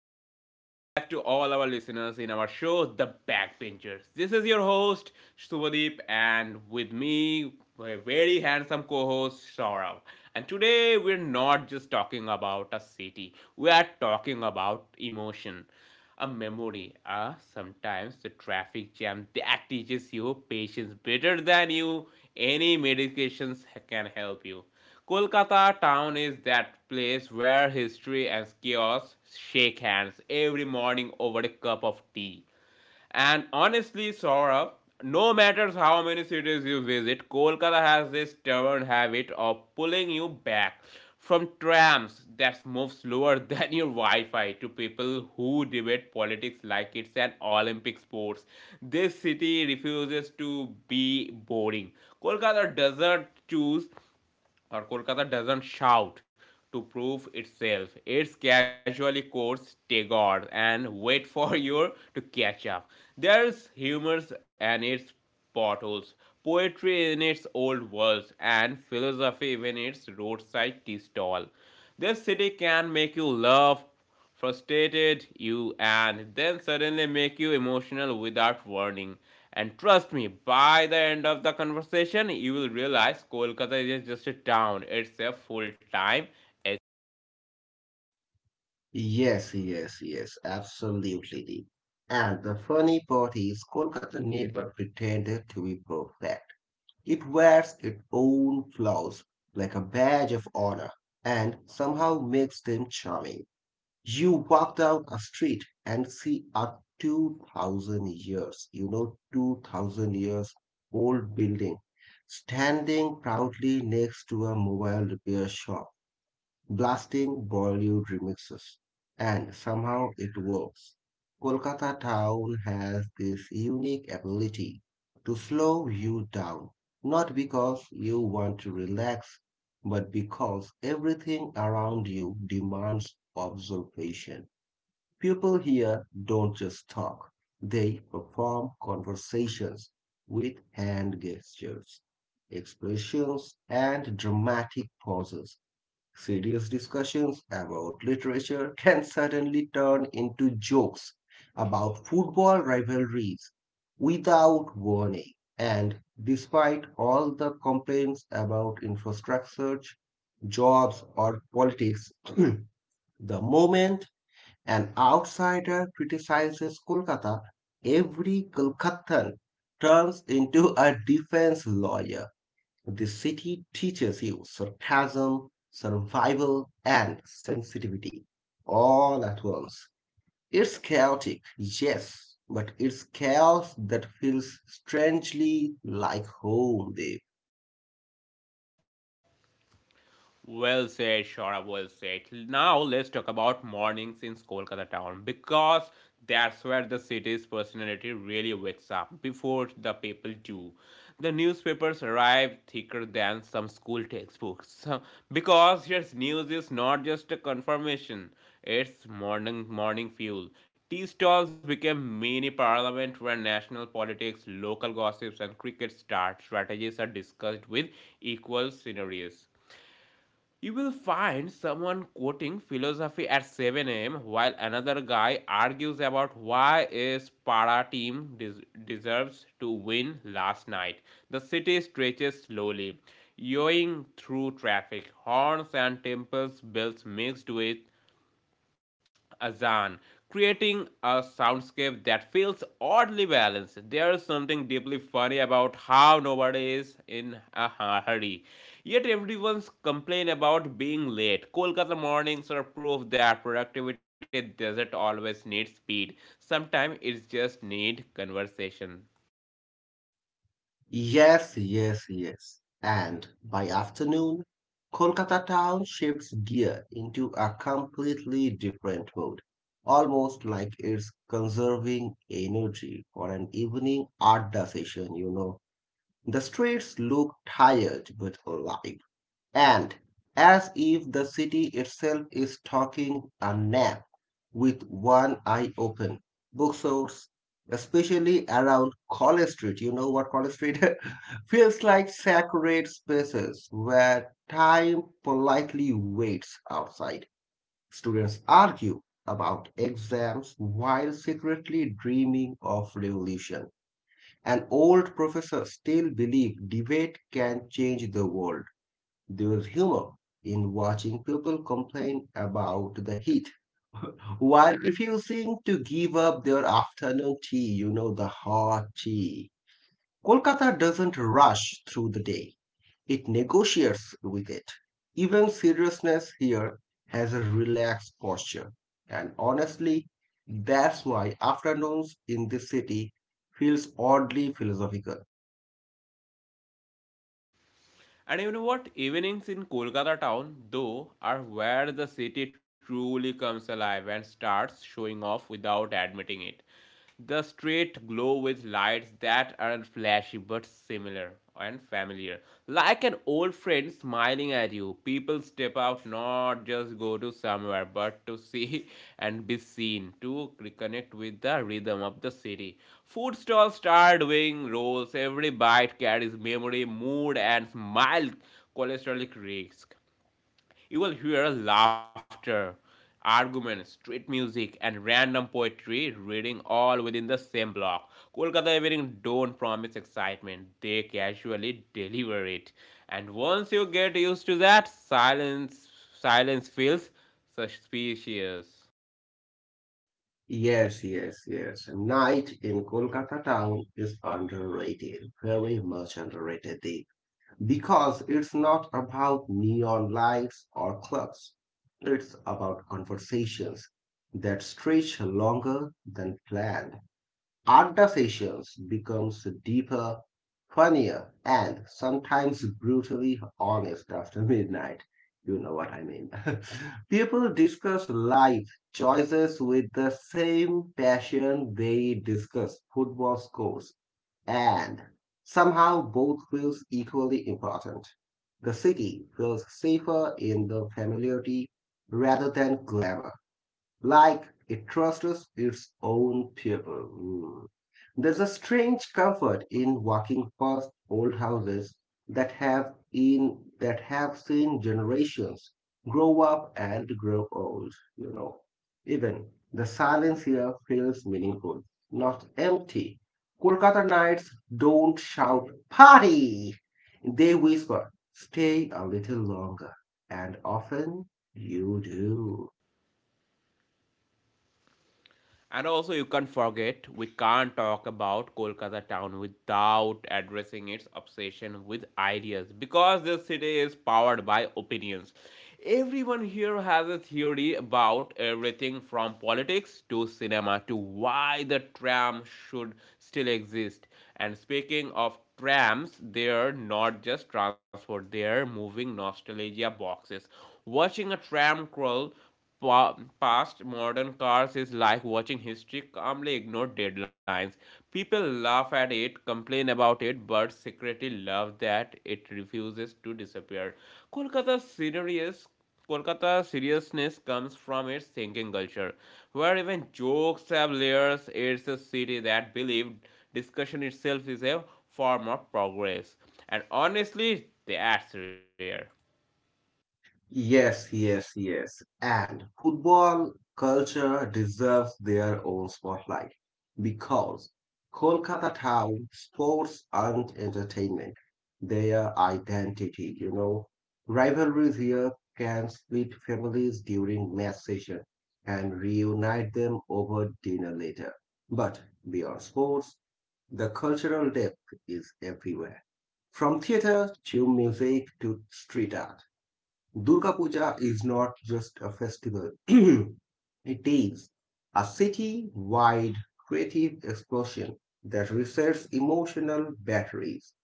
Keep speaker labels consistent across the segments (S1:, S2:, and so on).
S1: and welcome back to all our listeners in our show, The Backbenchers. This is your host, Subhadeep, and with me, a very handsome co host, Saurav. And today, we're not just talking about a city, we are talking about emotion a memory sometimes the traffic jam that teaches you patience better than you any medications can help you kolkata town is that place where history and chaos shake hands every morning over a cup of tea and honestly, Saurabh, no matter how many cities you visit, Kolkata has this stubborn habit of pulling you back from trams that move slower than your Wi-Fi to people who debate politics like it's an Olympic sports. This city refuses to be boring. Kolkata doesn't choose Kolkata doesn't shout to prove itself. It's casually courts Tagore and wait for you to catch up. There's humors and its potholes, poetry in its old words, and philosophy in its roadside tea stall. This city can make you laugh frustrated you, and then suddenly make you emotional without warning. And trust me, by the end of the conversation, you will realize Kolkata is just a town, it's a full time.
S2: Yes, yes, yes, absolutely. Deep. And the funny part is, Kolkata never pretended to be perfect. It wears its own flaws like a badge of honor and somehow makes them charming. You walk down a street and see a 2000 years old building standing proudly next to a mobile repair shop blasting Bollywood remixes, and somehow it works. Kolkata town has this unique ability to slow you down, not because you want to relax, but because everything around you demands observation. People here don't just talk, they perform conversations with hand gestures, expressions, and dramatic pauses. Serious discussions about literature can suddenly turn into jokes about football rivalries without warning. And despite all the complaints about infrastructure, jobs, or politics, the moment an outsider criticizes Kolkata, every Kolkatan turns into a defense lawyer. The city teaches you sarcasm, survival, and sensitivity all at once. It's chaotic, yes, but it's chaos that feels strangely like home, Dave.
S1: Well said, Shora. Well said. Now let's talk about mornings in Kolkata town because that's where the city's personality really wakes up before the people do. The newspapers arrive thicker than some school textbooks because yes, news is not just a confirmation; it's morning fuel. Tea stalls became mini parliament where national politics, local gossips, and cricket start strategies are discussed with equal scenarios. You will find someone quoting philosophy at 7 a.m. while another guy argues about why his para team deserves to win last night. The city stretches slowly, yawing through traffic, horns and temples bells mixed with Azan, creating a soundscape that feels oddly balanced. There is something deeply funny about how nobody is in a hurry. Yet everyone's complain about being late. Kolkata mornings are proof that productivity doesn't always need speed. Sometimes it just needs conversation.
S2: Yes, yes, yes. And by afternoon, Kolkata town shifts gear into a completely different mode, almost like it's conserving energy for an evening art session, The streets look tired but alive, and as if the city itself is talking a nap with one eye open. Bookstores, especially around College Street, you know what College Street feels like sacred spaces where time politely waits outside. Students argue about exams while secretly dreaming of revolution. An old professor still believed debate can change the world. There was humor in watching people complain about the heat while refusing to give up their afternoon the hot tea. Kolkata doesn't rush through the day, it negotiates with it. Even seriousness here has a relaxed posture. And honestly, that's why afternoons in this city feels oddly philosophical.
S1: And you know what? Evenings in Kolkata town, though, are where the city truly comes alive and starts showing off without admitting it. The streets glow with lights that aren't flashy but similar and familiar, like an old friend's smiling at you. People step out not just go to somewhere, but to see and be seen, to reconnect with the rhythm of the city. Food stalls start doing rolls. Every bite carries memory, mood, and mild cholesterolic risk. You will hear laughter, arguments, street music, and random poetry reading all within the same block. Kolkata evening don't promise excitement, they casually deliver it. And once you get used to that, silence feels suspicious.
S2: Yes, yes, yes. Night in Kolkata town is underrated, very much underrated, Deep, because it's not about neon lights or clubs. It's about conversations that stretch longer than planned. Art sessions becomes deeper, funnier, and sometimes brutally honest after midnight. You know what I mean. People discuss life choices with the same passion they discuss football scores, and somehow both feels equally important. The city feels safer in the familiarity rather than glamour like it trusts its own people. Mm. There's a strange comfort in walking past old houses that have seen generations grow up and grow old. Even the silence here feels meaningful, not empty. Kolkata nights don't shout party. They whisper, stay a little longer. And often you do.
S1: And also, you can't forget, we can't talk about Kolkata town without addressing its obsession with ideas because this city is powered by opinions. Everyone here has a theory about everything from politics to cinema to why the tram should still exist. And speaking of trams, they're not just transport, they're moving nostalgia boxes. Watching a tram crawl past modern cars is like watching history calmly ignore deadlines. People laugh at it, complain about it, but secretly love that it refuses to disappear. Kolkata's serious Kolkata's seriousness comes from its thinking culture, where even jokes have layers. It's a city that believed discussion itself is a form of progress. And honestly, that's rare.
S2: Yes, yes, yes. And football culture deserves their own spotlight because Kolkata town sports aren't entertainment. They are identity, Rivalries here can split families during match session and reunite them over dinner later. But beyond sports, the cultural depth is everywhere. From theater to music to street art. Durga Puja is not just a festival. It is a city-wide creative explosion that resets emotional batteries.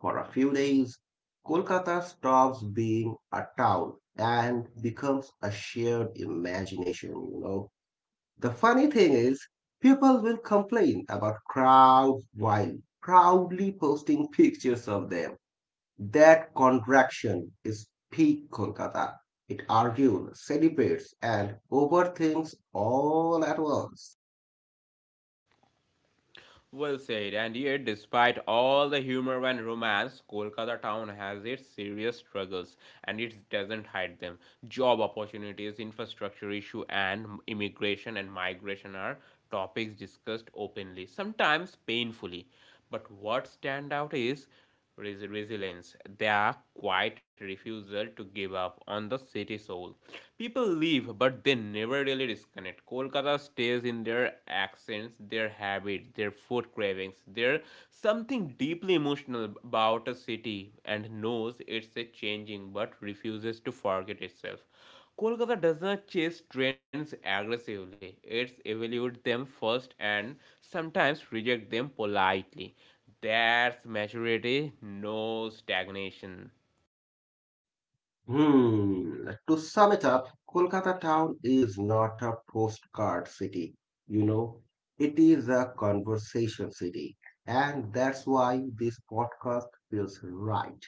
S2: For a few days, Kolkata stops being a town and becomes a shared imagination, The funny thing is, people will complain about crowds while proudly posting pictures of them. That contraction is peak Kolkata, it argues, celebrates, and overthinks all at once.
S1: Well said, and yet, despite all the humor and romance, Kolkata town has its serious struggles and it doesn't hide them. Job opportunities, infrastructure issue, and immigration and migration are topics discussed openly, sometimes painfully. But what stand out is resilience, their quiet refusal to give up on the city soul. People leave, but they never really disconnect. Kolkata stays in their accents, their habits, their food cravings. There's something deeply emotional about a city and knows it's a changing but refuses to forget itself. Kolkata does not chase trends aggressively. It evaluates them first and sometimes reject them politely. That's maturity, no stagnation.
S2: Hmm. To sum it up, Kolkata town is not a postcard city, you know, it is a conversation city. And that's why this podcast feels right.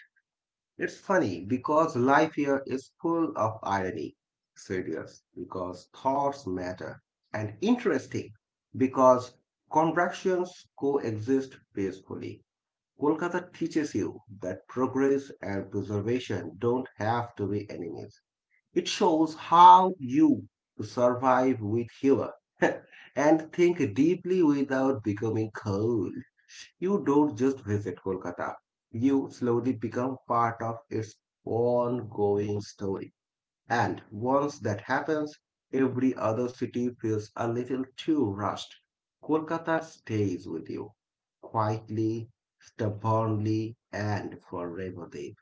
S2: It's funny because life here is full of irony, serious because thoughts matter, and interesting because contractions coexist peacefully. Kolkata teaches you that progress and preservation don't have to be enemies. It shows how you survive with humor and think deeply without becoming cold. You don't just visit Kolkata, you slowly become part of its ongoing story. And once that happens, every other city feels a little too rushed. Kolkata stays with you, quietly, stubbornly, and forever, Deep.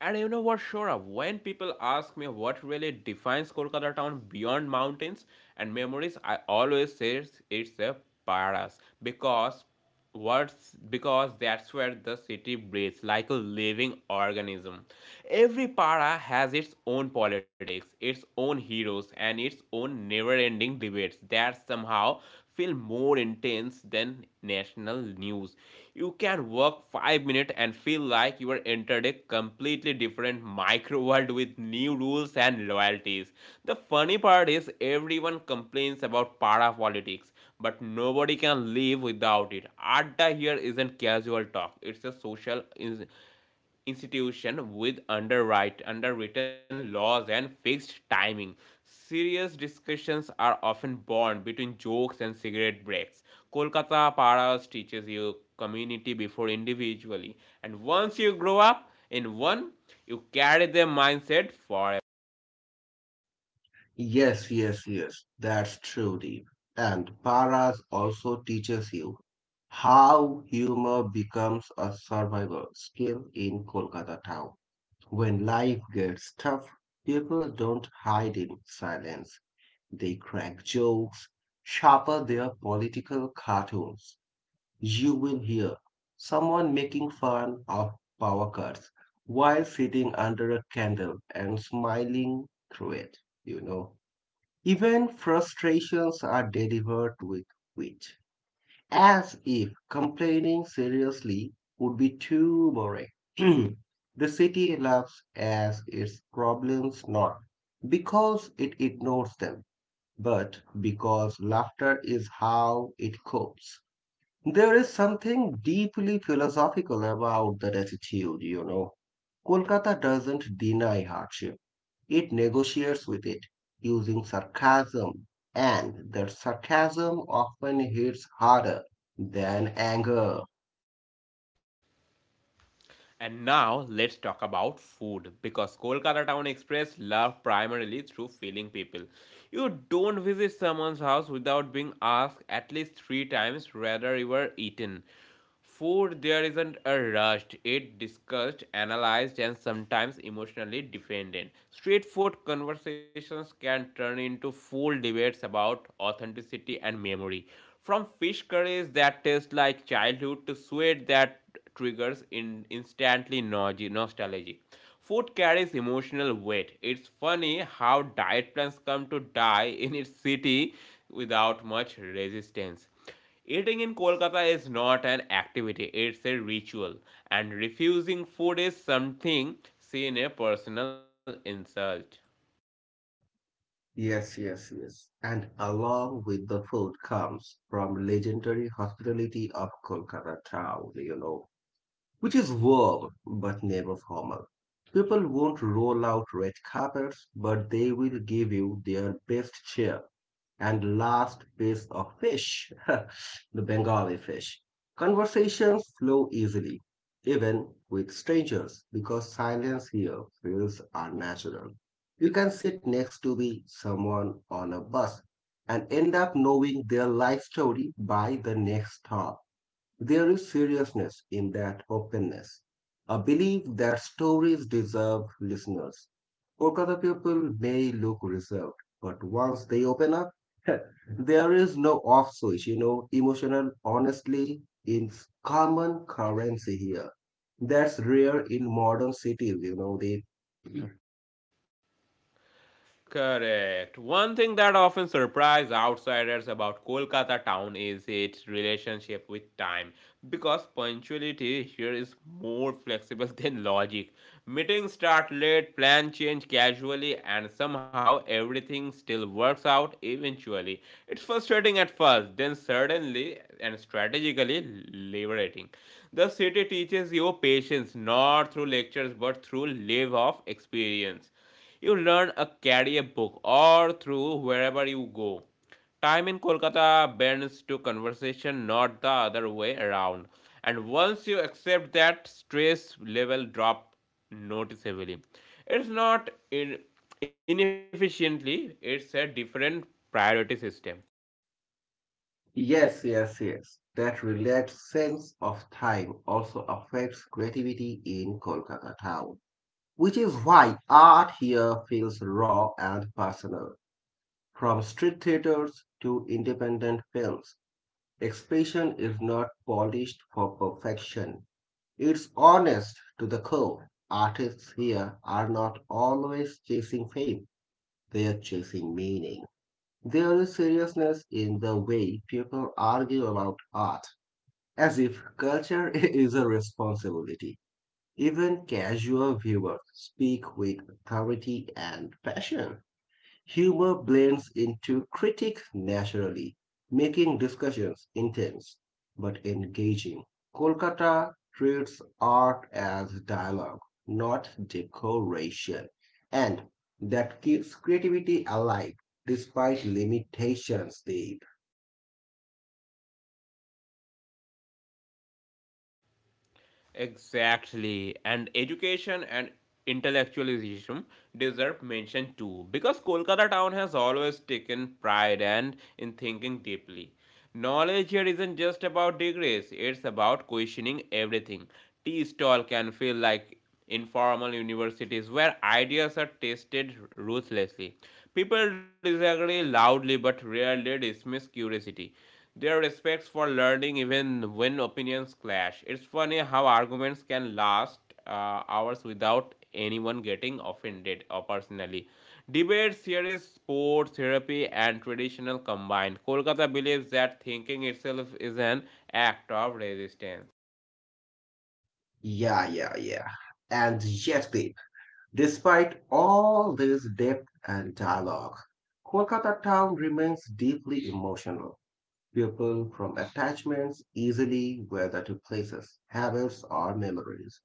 S1: And you know what, Shora? When people ask me what really defines Kolkata town beyond mountains and memories, I always say it's a paras because words because that's where the city breathes like a living organism. Every para has its own politics, its own heroes, and its own never-ending debates that somehow feel more intense than national news. You can work 5 minutes and feel like you are entered a completely different micro world with new rules and loyalties. The funny part is everyone complains about para politics, but nobody can live without it. Atta here isn't casual talk, it's a social institution with underwritten laws and fixed timing. Serious discussions are often born between jokes and cigarette breaks. Kolkata Paras teaches you community before individually, and once you grow up in one, you carry their mindset forever.
S2: Yes, yes, yes, that's true, Deep. And Paras also teaches you how humor becomes a survival skill in Kolkata town. When life gets tough, people don't hide in silence. They crack jokes, sharper their political cartoons. You will hear someone making fun of power cuts while sitting under a candle and smiling through it, you know. Even frustrations are delivered with wit as if complaining seriously would be too boring. The city laughs at its problems not because it ignores them, but because laughter is how it copes. There is something deeply philosophical about that attitude, Kolkata doesn't deny hardship, it negotiates with it using sarcasm, and that sarcasm often hits harder than anger.
S1: And now let's talk about food because Kolkata Town Express love primarily through feeling people. You don't visit someone's house without being asked at least three times whether you were eaten. Food there isn't a rush, it discussed, analyzed, and sometimes emotionally defended. Street food conversations can turn into full debates about authenticity and memory. From fish curries that taste like childhood to sweet that triggers in instantly nostalgic. Food carries emotional weight. It's funny how diet plans come to die in its city without much resistance. Eating in Kolkata is not an activity, it's a ritual, and refusing food is something seen as a personal insult.
S2: Yes, yes, yes. And along with the food comes from legendary hospitality of Kolkata town, which is warm but never formal. People won't roll out red carpets, but they will give you their best cheer and last piece of fish, the Bengali fish. Conversations flow easily, even with strangers, because silence here feels unnatural. You can sit next to the someone on a bus and end up knowing their life story by the next stop. There is seriousness in that openness, a belief that stories deserve listeners. Kolkata people may look reserved, but once they open up, there is no off switch, emotional honestly is common currency here. That's rare in modern cities, they.
S1: Correct. One thing that often surprises outsiders about Kolkata town is its relationship with time because punctuality here is more flexible than logic. Meetings start late, plans change casually, and somehow everything still works out eventually. It's frustrating at first, then suddenly and strategically liberating. The city teaches you patience not through lectures but through live off experience. You learn a carry book or through wherever you go. Time in Kolkata bends to conversation, not the other way around. And once you accept that, stress level drop noticeably. It's not in, inefficiently, it's a different priority system.
S2: Yes, yes, yes. That relaxed sense of time also affects creativity in Kolkata town, which is why art here feels raw and personal. From street theaters to independent films, expression is not polished for perfection. It's honest to the core. Artists here are not always chasing fame, they are chasing meaning. There is seriousness in the way people argue about art, as if culture is a responsibility. Even casual viewers speak with authority and passion. Humor blends into critics naturally, making discussions intense but engaging. Kolkata treats art as dialogue, not decoration, and that keeps creativity alive despite limitations, Deep.
S1: Exactly. And education and intellectualism deserve mention too, because Kolkata town has always taken pride and in thinking deeply. Knowledge here isn't just about degrees, it's about questioning everything. Tea stall can feel like informal universities where ideas are tested ruthlessly. People disagree loudly but rarely dismiss curiosity. Their respect for learning, even when opinions clash. It's funny how arguments can last hours without anyone getting offended or personally. Debates, series, sports, therapy, and traditional combined. Kolkata believes that thinking itself is an act of resistance.
S2: Yeah, yeah, yeah. And yes, Deep. Despite all this depth and dialogue, Kolkata town remains deeply emotional. People from attachments easily, whether to places, habits, or memories.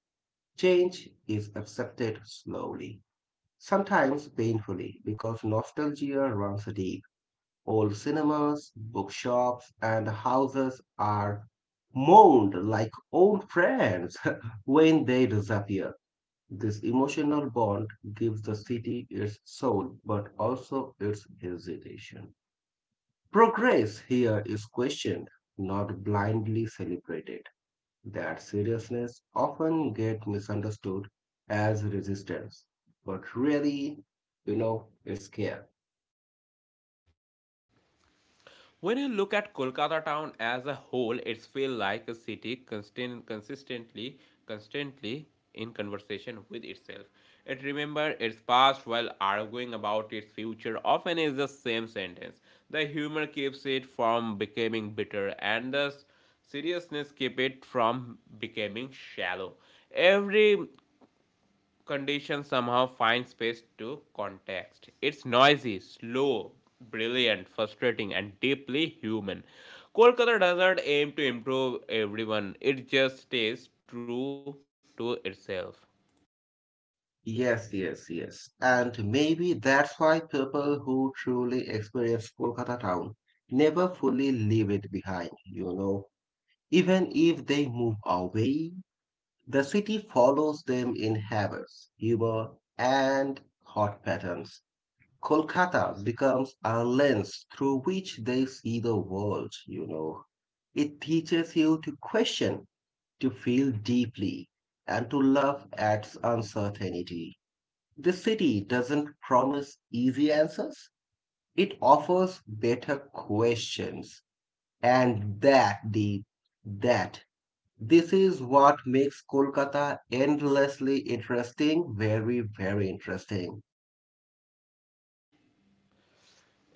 S2: Change is accepted slowly, sometimes painfully, because nostalgia runs deep. Old cinemas, bookshops, and houses are mourned like old friends when they disappear. This emotional bond gives the city its soul but also its hesitation. Progress here is questioned, not blindly celebrated. That seriousness often gets misunderstood as resistance, but really, it's care.
S1: When you look at Kolkata town as a whole, it feels like a city constantly in conversation with itself. It remembers its past while arguing about its future. Often is the same sentence. The humor keeps it from becoming bitter, and the seriousness keep it from becoming shallow. Every conditions somehow find space to context. It's noisy, slow, brilliant, frustrating, and deeply human. Kolkata doesn't aim to improve everyone, it just stays true to itself.
S2: Yes, yes, yes. And maybe that's why people who truly experience Kolkata town never fully leave it behind, even if they move away. The city follows them in habits, humor, and thought patterns. Kolkata becomes a lens through which they see the world, It teaches you to question, to feel deeply, and to love at uncertainty. The city doesn't promise easy answers, it offers better questions. And that, the that this is what makes Kolkata endlessly interesting, very, very interesting.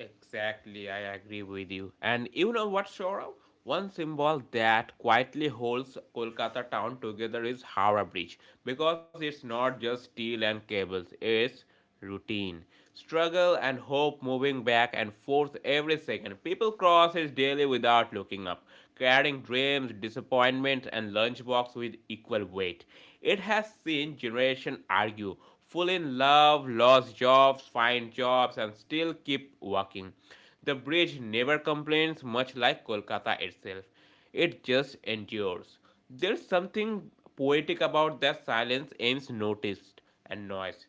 S1: Exactly, I agree with you. And you know what, Saurav? One symbol that quietly holds Kolkata town together is Howrah Bridge because it's not just steel and cables, it's routine. Struggle and hope moving back and forth every second. People cross it daily without looking up, carrying dreams, disappointments, and lunchbox with equal weight. It has seen generation argue full in love, lost jobs, find jobs, and still keep working. The bridge never complains, much like Kolkata itself. It just endures. There's something poetic about that silence aims noticed and noise.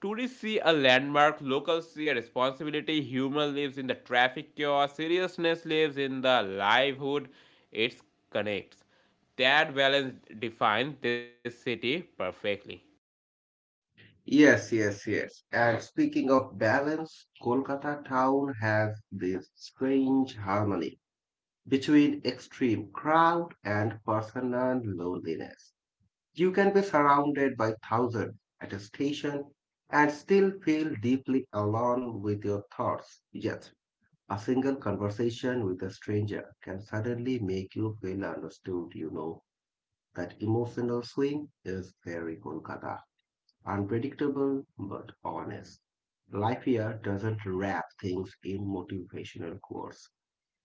S1: Tourists see a landmark, locals see a responsibility, humor lives in the traffic chaos, seriousness lives in the livelihood it connects. That balance defines this city perfectly.
S2: Yes, yes, yes. And speaking of balance, Kolkata town has this strange harmony between extreme crowd and personal loneliness. You can be surrounded by thousands at a station and still feel deeply alone with your thoughts. Yes, a single conversation with a stranger can suddenly make you feel understood, That emotional swing is very Kolkata. Unpredictable but honest. Life here doesn't wrap things in motivational quotes.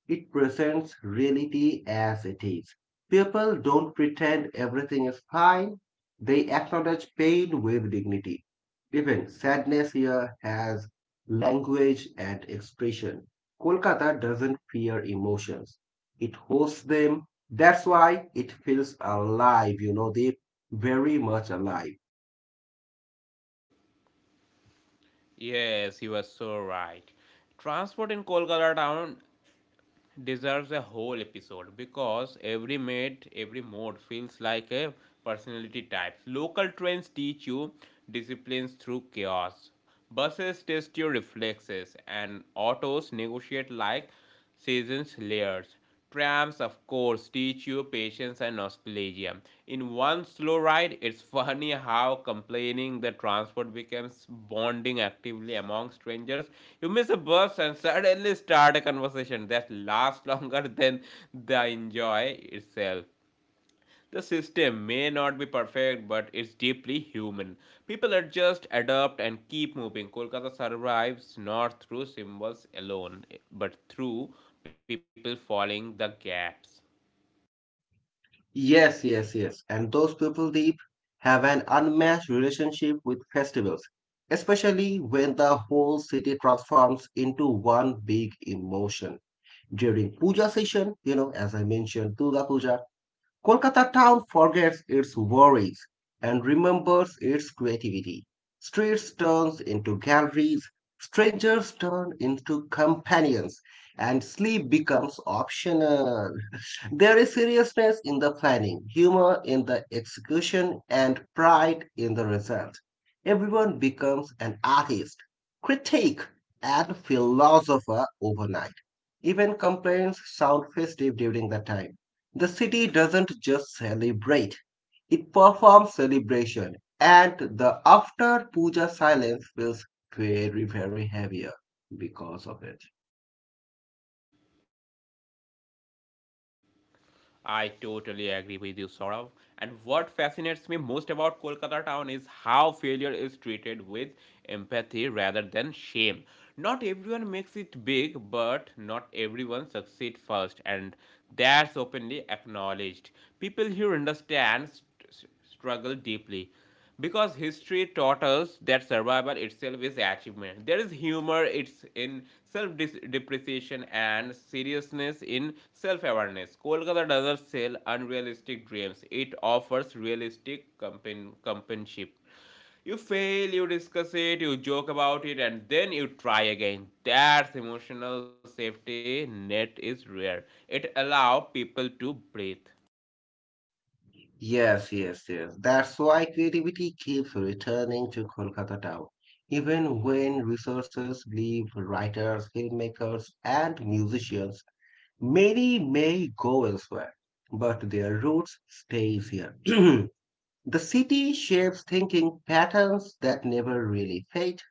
S2: It presents reality as it is. People don't pretend everything is fine, they acknowledge pain with dignity. Even sadness here has language and expression. Kolkata doesn't fear emotions, it hosts them. That's why it feels alive, they very much alive.
S1: Yes, you are so right. Transport in Kolkata town deserves a whole episode because every mate, every mode feels like a personality type. Local trains teach you disciplines through chaos. Buses test your reflexes and autos negotiate like seasons layers. Trams, of course, teach you patience and nostalgia. In one slow ride, it's funny how complaining the transport becomes bonding actively among strangers. You miss a bus and suddenly start a conversation that lasts longer than the enjoy itself. The system may not be perfect, but it's deeply human. People adjust, adapt, and keep moving. Kolkata survives not through symbols alone, but through people following the gaps.
S2: Yes, yes, yes. And those people, Deep, have an unmatched relationship with festivals, especially when the whole city transforms into one big emotion. During puja session, as I mentioned, Durga Puja, Kolkata town forgets its worries and remembers its creativity. Streets turns into galleries, strangers turn into companions, and sleep becomes optional. There is seriousness in the planning, humor in the execution, and pride in the result. Everyone becomes an artist, critic, and philosopher overnight. Even complaints sound festive during that time. The city doesn't just celebrate, it performs celebration, and the after puja silence feels very, very heavier because of it.
S1: I totally agree with you, Saurav. And what fascinates me most about Kolkata town is how failure is treated with empathy rather than shame. Not everyone makes it big, but not everyone succeeds first, and that's openly acknowledged. People here understand struggle deeply because history taught us that survival itself is achievement. There is humor it's in self depreciation and seriousness in self awareness. Kolkata doesn't sell unrealistic dreams; it offers realistic companionship. You fail, you discuss it, you joke about it, and then you try again. That emotional safety net is rare. It allows people to breathe.
S2: Yes, yes, yes. That's why creativity keeps returning to Kolkata town. Even when resources leave writers, filmmakers, and musicians, many may go elsewhere, but their roots stay here. The city shapes thinking patterns that never really fade.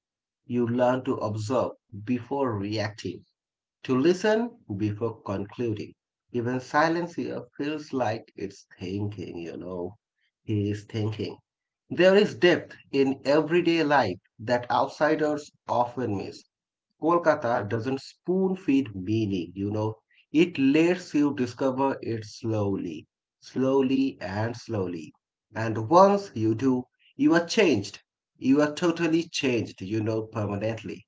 S2: You learn to observe before reacting, to listen before concluding. Even silence here feels like it's thinking, He is thinking. There is depth in everyday life that outsiders often miss. Kolkata doesn't spoon feed meaning, It lets you discover it slowly, slowly and slowly. And once you do, you are changed. You are totally changed, permanently.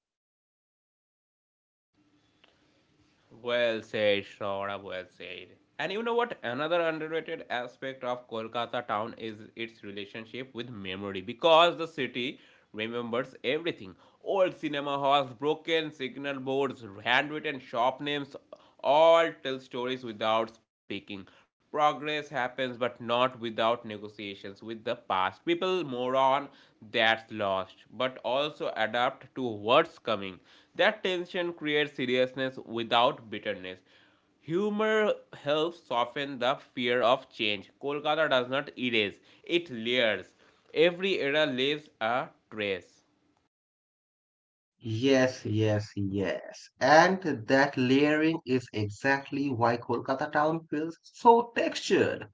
S1: Well said, Shora, well said. And you know what? Another underrated aspect of Kolkata town is its relationship with memory because the city remembers everything. Old cinema halls, broken signal boards, handwritten shop names all tell stories without speaking. Progress happens, but not without negotiations with the past. People move on that's lost, but also adapt to what's coming. That tension creates seriousness without bitterness. Humor helps soften the fear of change. Kolkata does not erase, it layers. Every era leaves a trace.
S2: Yes, yes, yes. And that layering is exactly why Kolkata town feels so textured,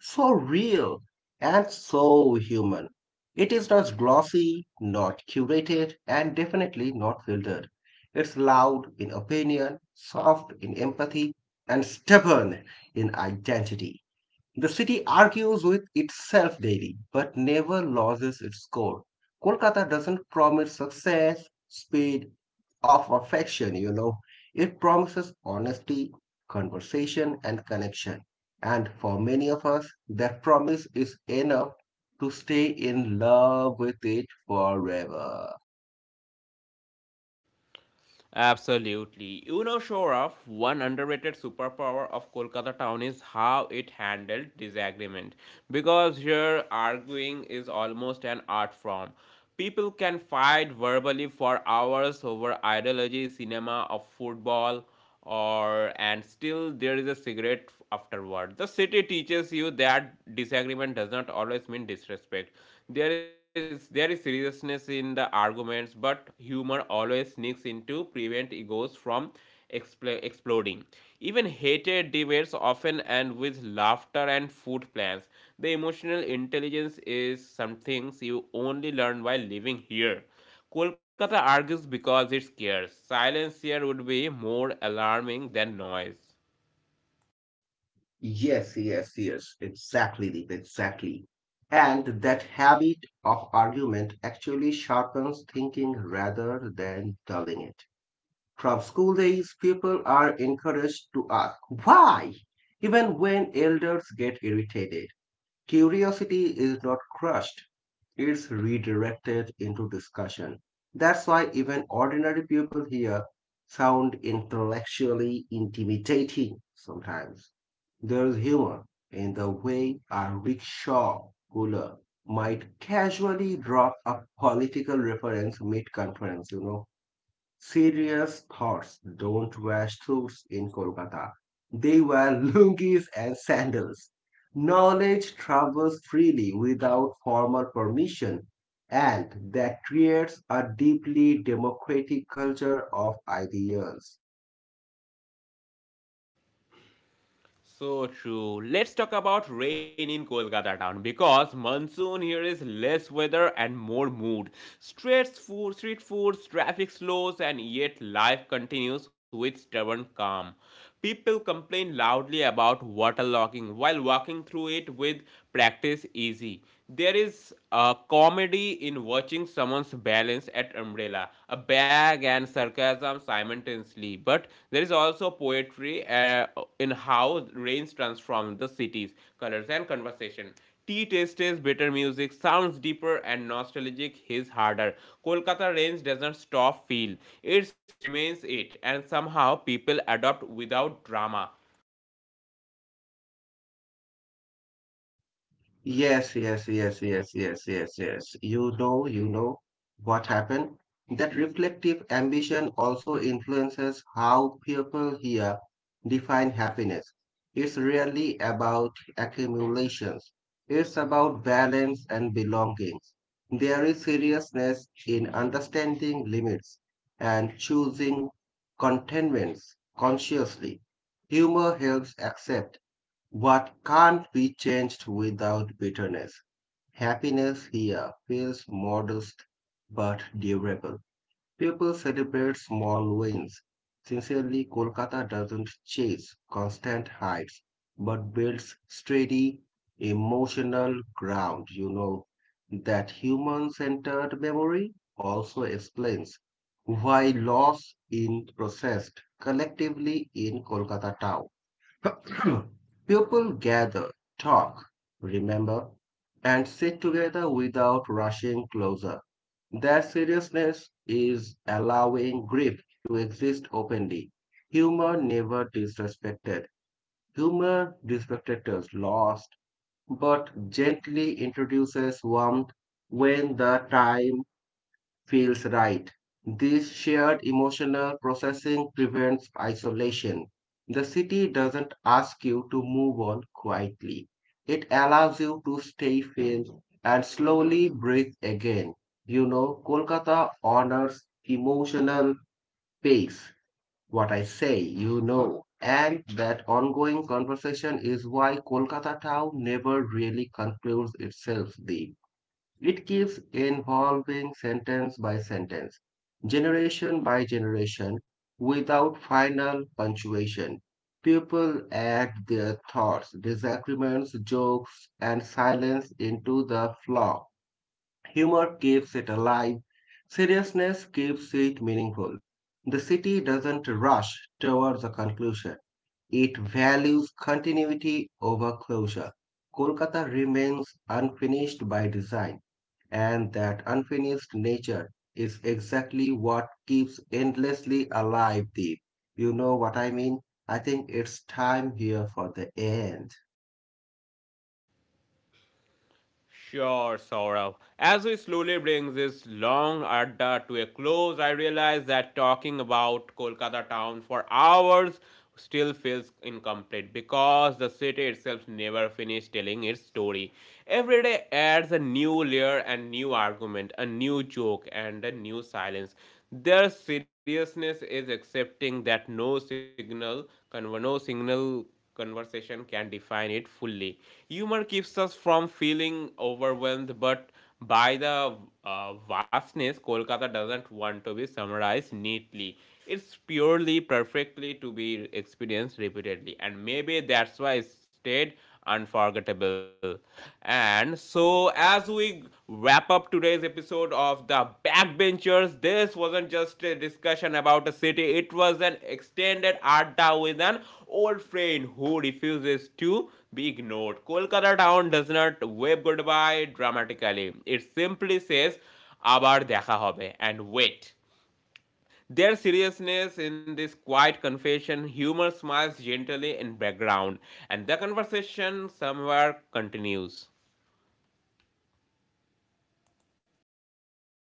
S2: so real, and so human. It is not glossy, not curated, and definitely not filtered. It's loud in opinion, soft in empathy, and stubborn in identity. The city argues with itself daily, but never loses its core. Kolkata doesn't promise success, speed, or perfection, It promises honesty, conversation, and connection. And for many of us, that promise is enough to stay in love with it forever.
S1: Absolutely. You know, sure of one underrated superpower of Kolkata town is how it handled disagreement. Because here, arguing is almost an art form. People can fight verbally for hours over ideology, cinema, or football or and still there is a cigarette afterward the city teaches you that disagreement does not always mean disrespect there is seriousness in the arguments but humor always sneaks in to prevent egos from exploding even hated debates often end with laughter and food plans the emotional intelligence is some things you only learn by living here Kolkata argues because it scares. Silence here would be more alarming than noise.
S2: Yes, yes, yes, exactly, Deep, exactly. And that habit of argument actually sharpens thinking rather than dulling it. From school days, people are encouraged to ask why, even when elders get irritated. Curiosity is not crushed, it's redirected into discussion. That's why even ordinary people here sound intellectually intimidating sometimes. There's humor in the way a rickshaw puller might casually drop a political reference mid conference, Serious thoughts don't wear suits in Kolkata. They wear lungis and sandals. Knowledge travels freely without formal permission, and that creates a deeply democratic culture of ideas.
S1: So true. Let's talk about rain in Kolkata town because monsoon here is less weather and more mood. Street food, street foods, traffic slows, and yet life continues with stubborn calm. People complain loudly about waterlogging while walking through it with practice easy. There is a comedy in watching losing someone's balance at umbrella, a bag and sarcasm simultaneously. But there is also poetry in how rains transform the cities, colors, and conversation. Tea tastes better, music, sounds deeper and nostalgic, his harder. Kolkata rains doesn't stop feel. It remains it, and somehow people adopt without drama.
S2: Yes, yes, yes, yes, yes, yes, yes. You know what happened. That reflective ambition also influences how people here define happiness. It's really about accumulations. It's about balance and belongings. There is seriousness in understanding limits and choosing contentments consciously. Humor helps accept what can't be changed without bitterness? Happiness here feels modest but durable. People celebrate small wins. Sincerely, Kolkata doesn't chase constant heights but builds steady emotional ground. That human centered memory also explains why loss is processed collectively in Kolkata town. People gather, talk, remember, and sit together without rushing closer. Their seriousness is allowing grief to exist openly. Humor never disrespected. Humor disrespected us lost, but gently introduces warmth when the time feels right. This shared emotional processing prevents isolation. The city doesn't ask you to move on quietly. It allows you to stay filled and slowly breathe again. Kolkata honors emotional pace. What I say, And that ongoing conversation is why Kolkata town never really concludes itself, Deep. It keeps evolving sentence by sentence, generation by generation, without final punctuation. People add their thoughts, disagreements, jokes, and silence into the flow. Humor keeps it alive. Seriousness keeps it meaningful. The city doesn't rush towards a conclusion. It values continuity over closure. Kolkata remains unfinished by design. And that unfinished nature is exactly what keeps endlessly alive, Deep. You know what I mean? I think it's time here for the end.
S1: Sure, Saurav. As we slowly bring this long adda to a close, I realize that talking about Kolkata town for hours still feels incomplete because the city itself never finished telling its story. Every day adds a new layer and new argument, a new joke and a new silence. Their seriousness is accepting that no signal conversation can define it fully. Humor keeps us from feeling overwhelmed, but by the vastness, Kolkata doesn't want to be summarized neatly. It's purely perfectly to be experienced repeatedly, and maybe that's why it stayed unforgettable. And so, as we wrap up today's episode of The Backbenchers. This wasn't just a discussion about a city, it was an extended adda with an old friend who refuses to be ignored. Kolkata town does not wave goodbye dramatically, it simply says, "Abar dekha hobe," and wait. Their seriousness in this quiet confession, humor smiles gently in background, and the conversation somewhere continues.
S2: I
S1: এক
S2: could
S1: ঘন্টা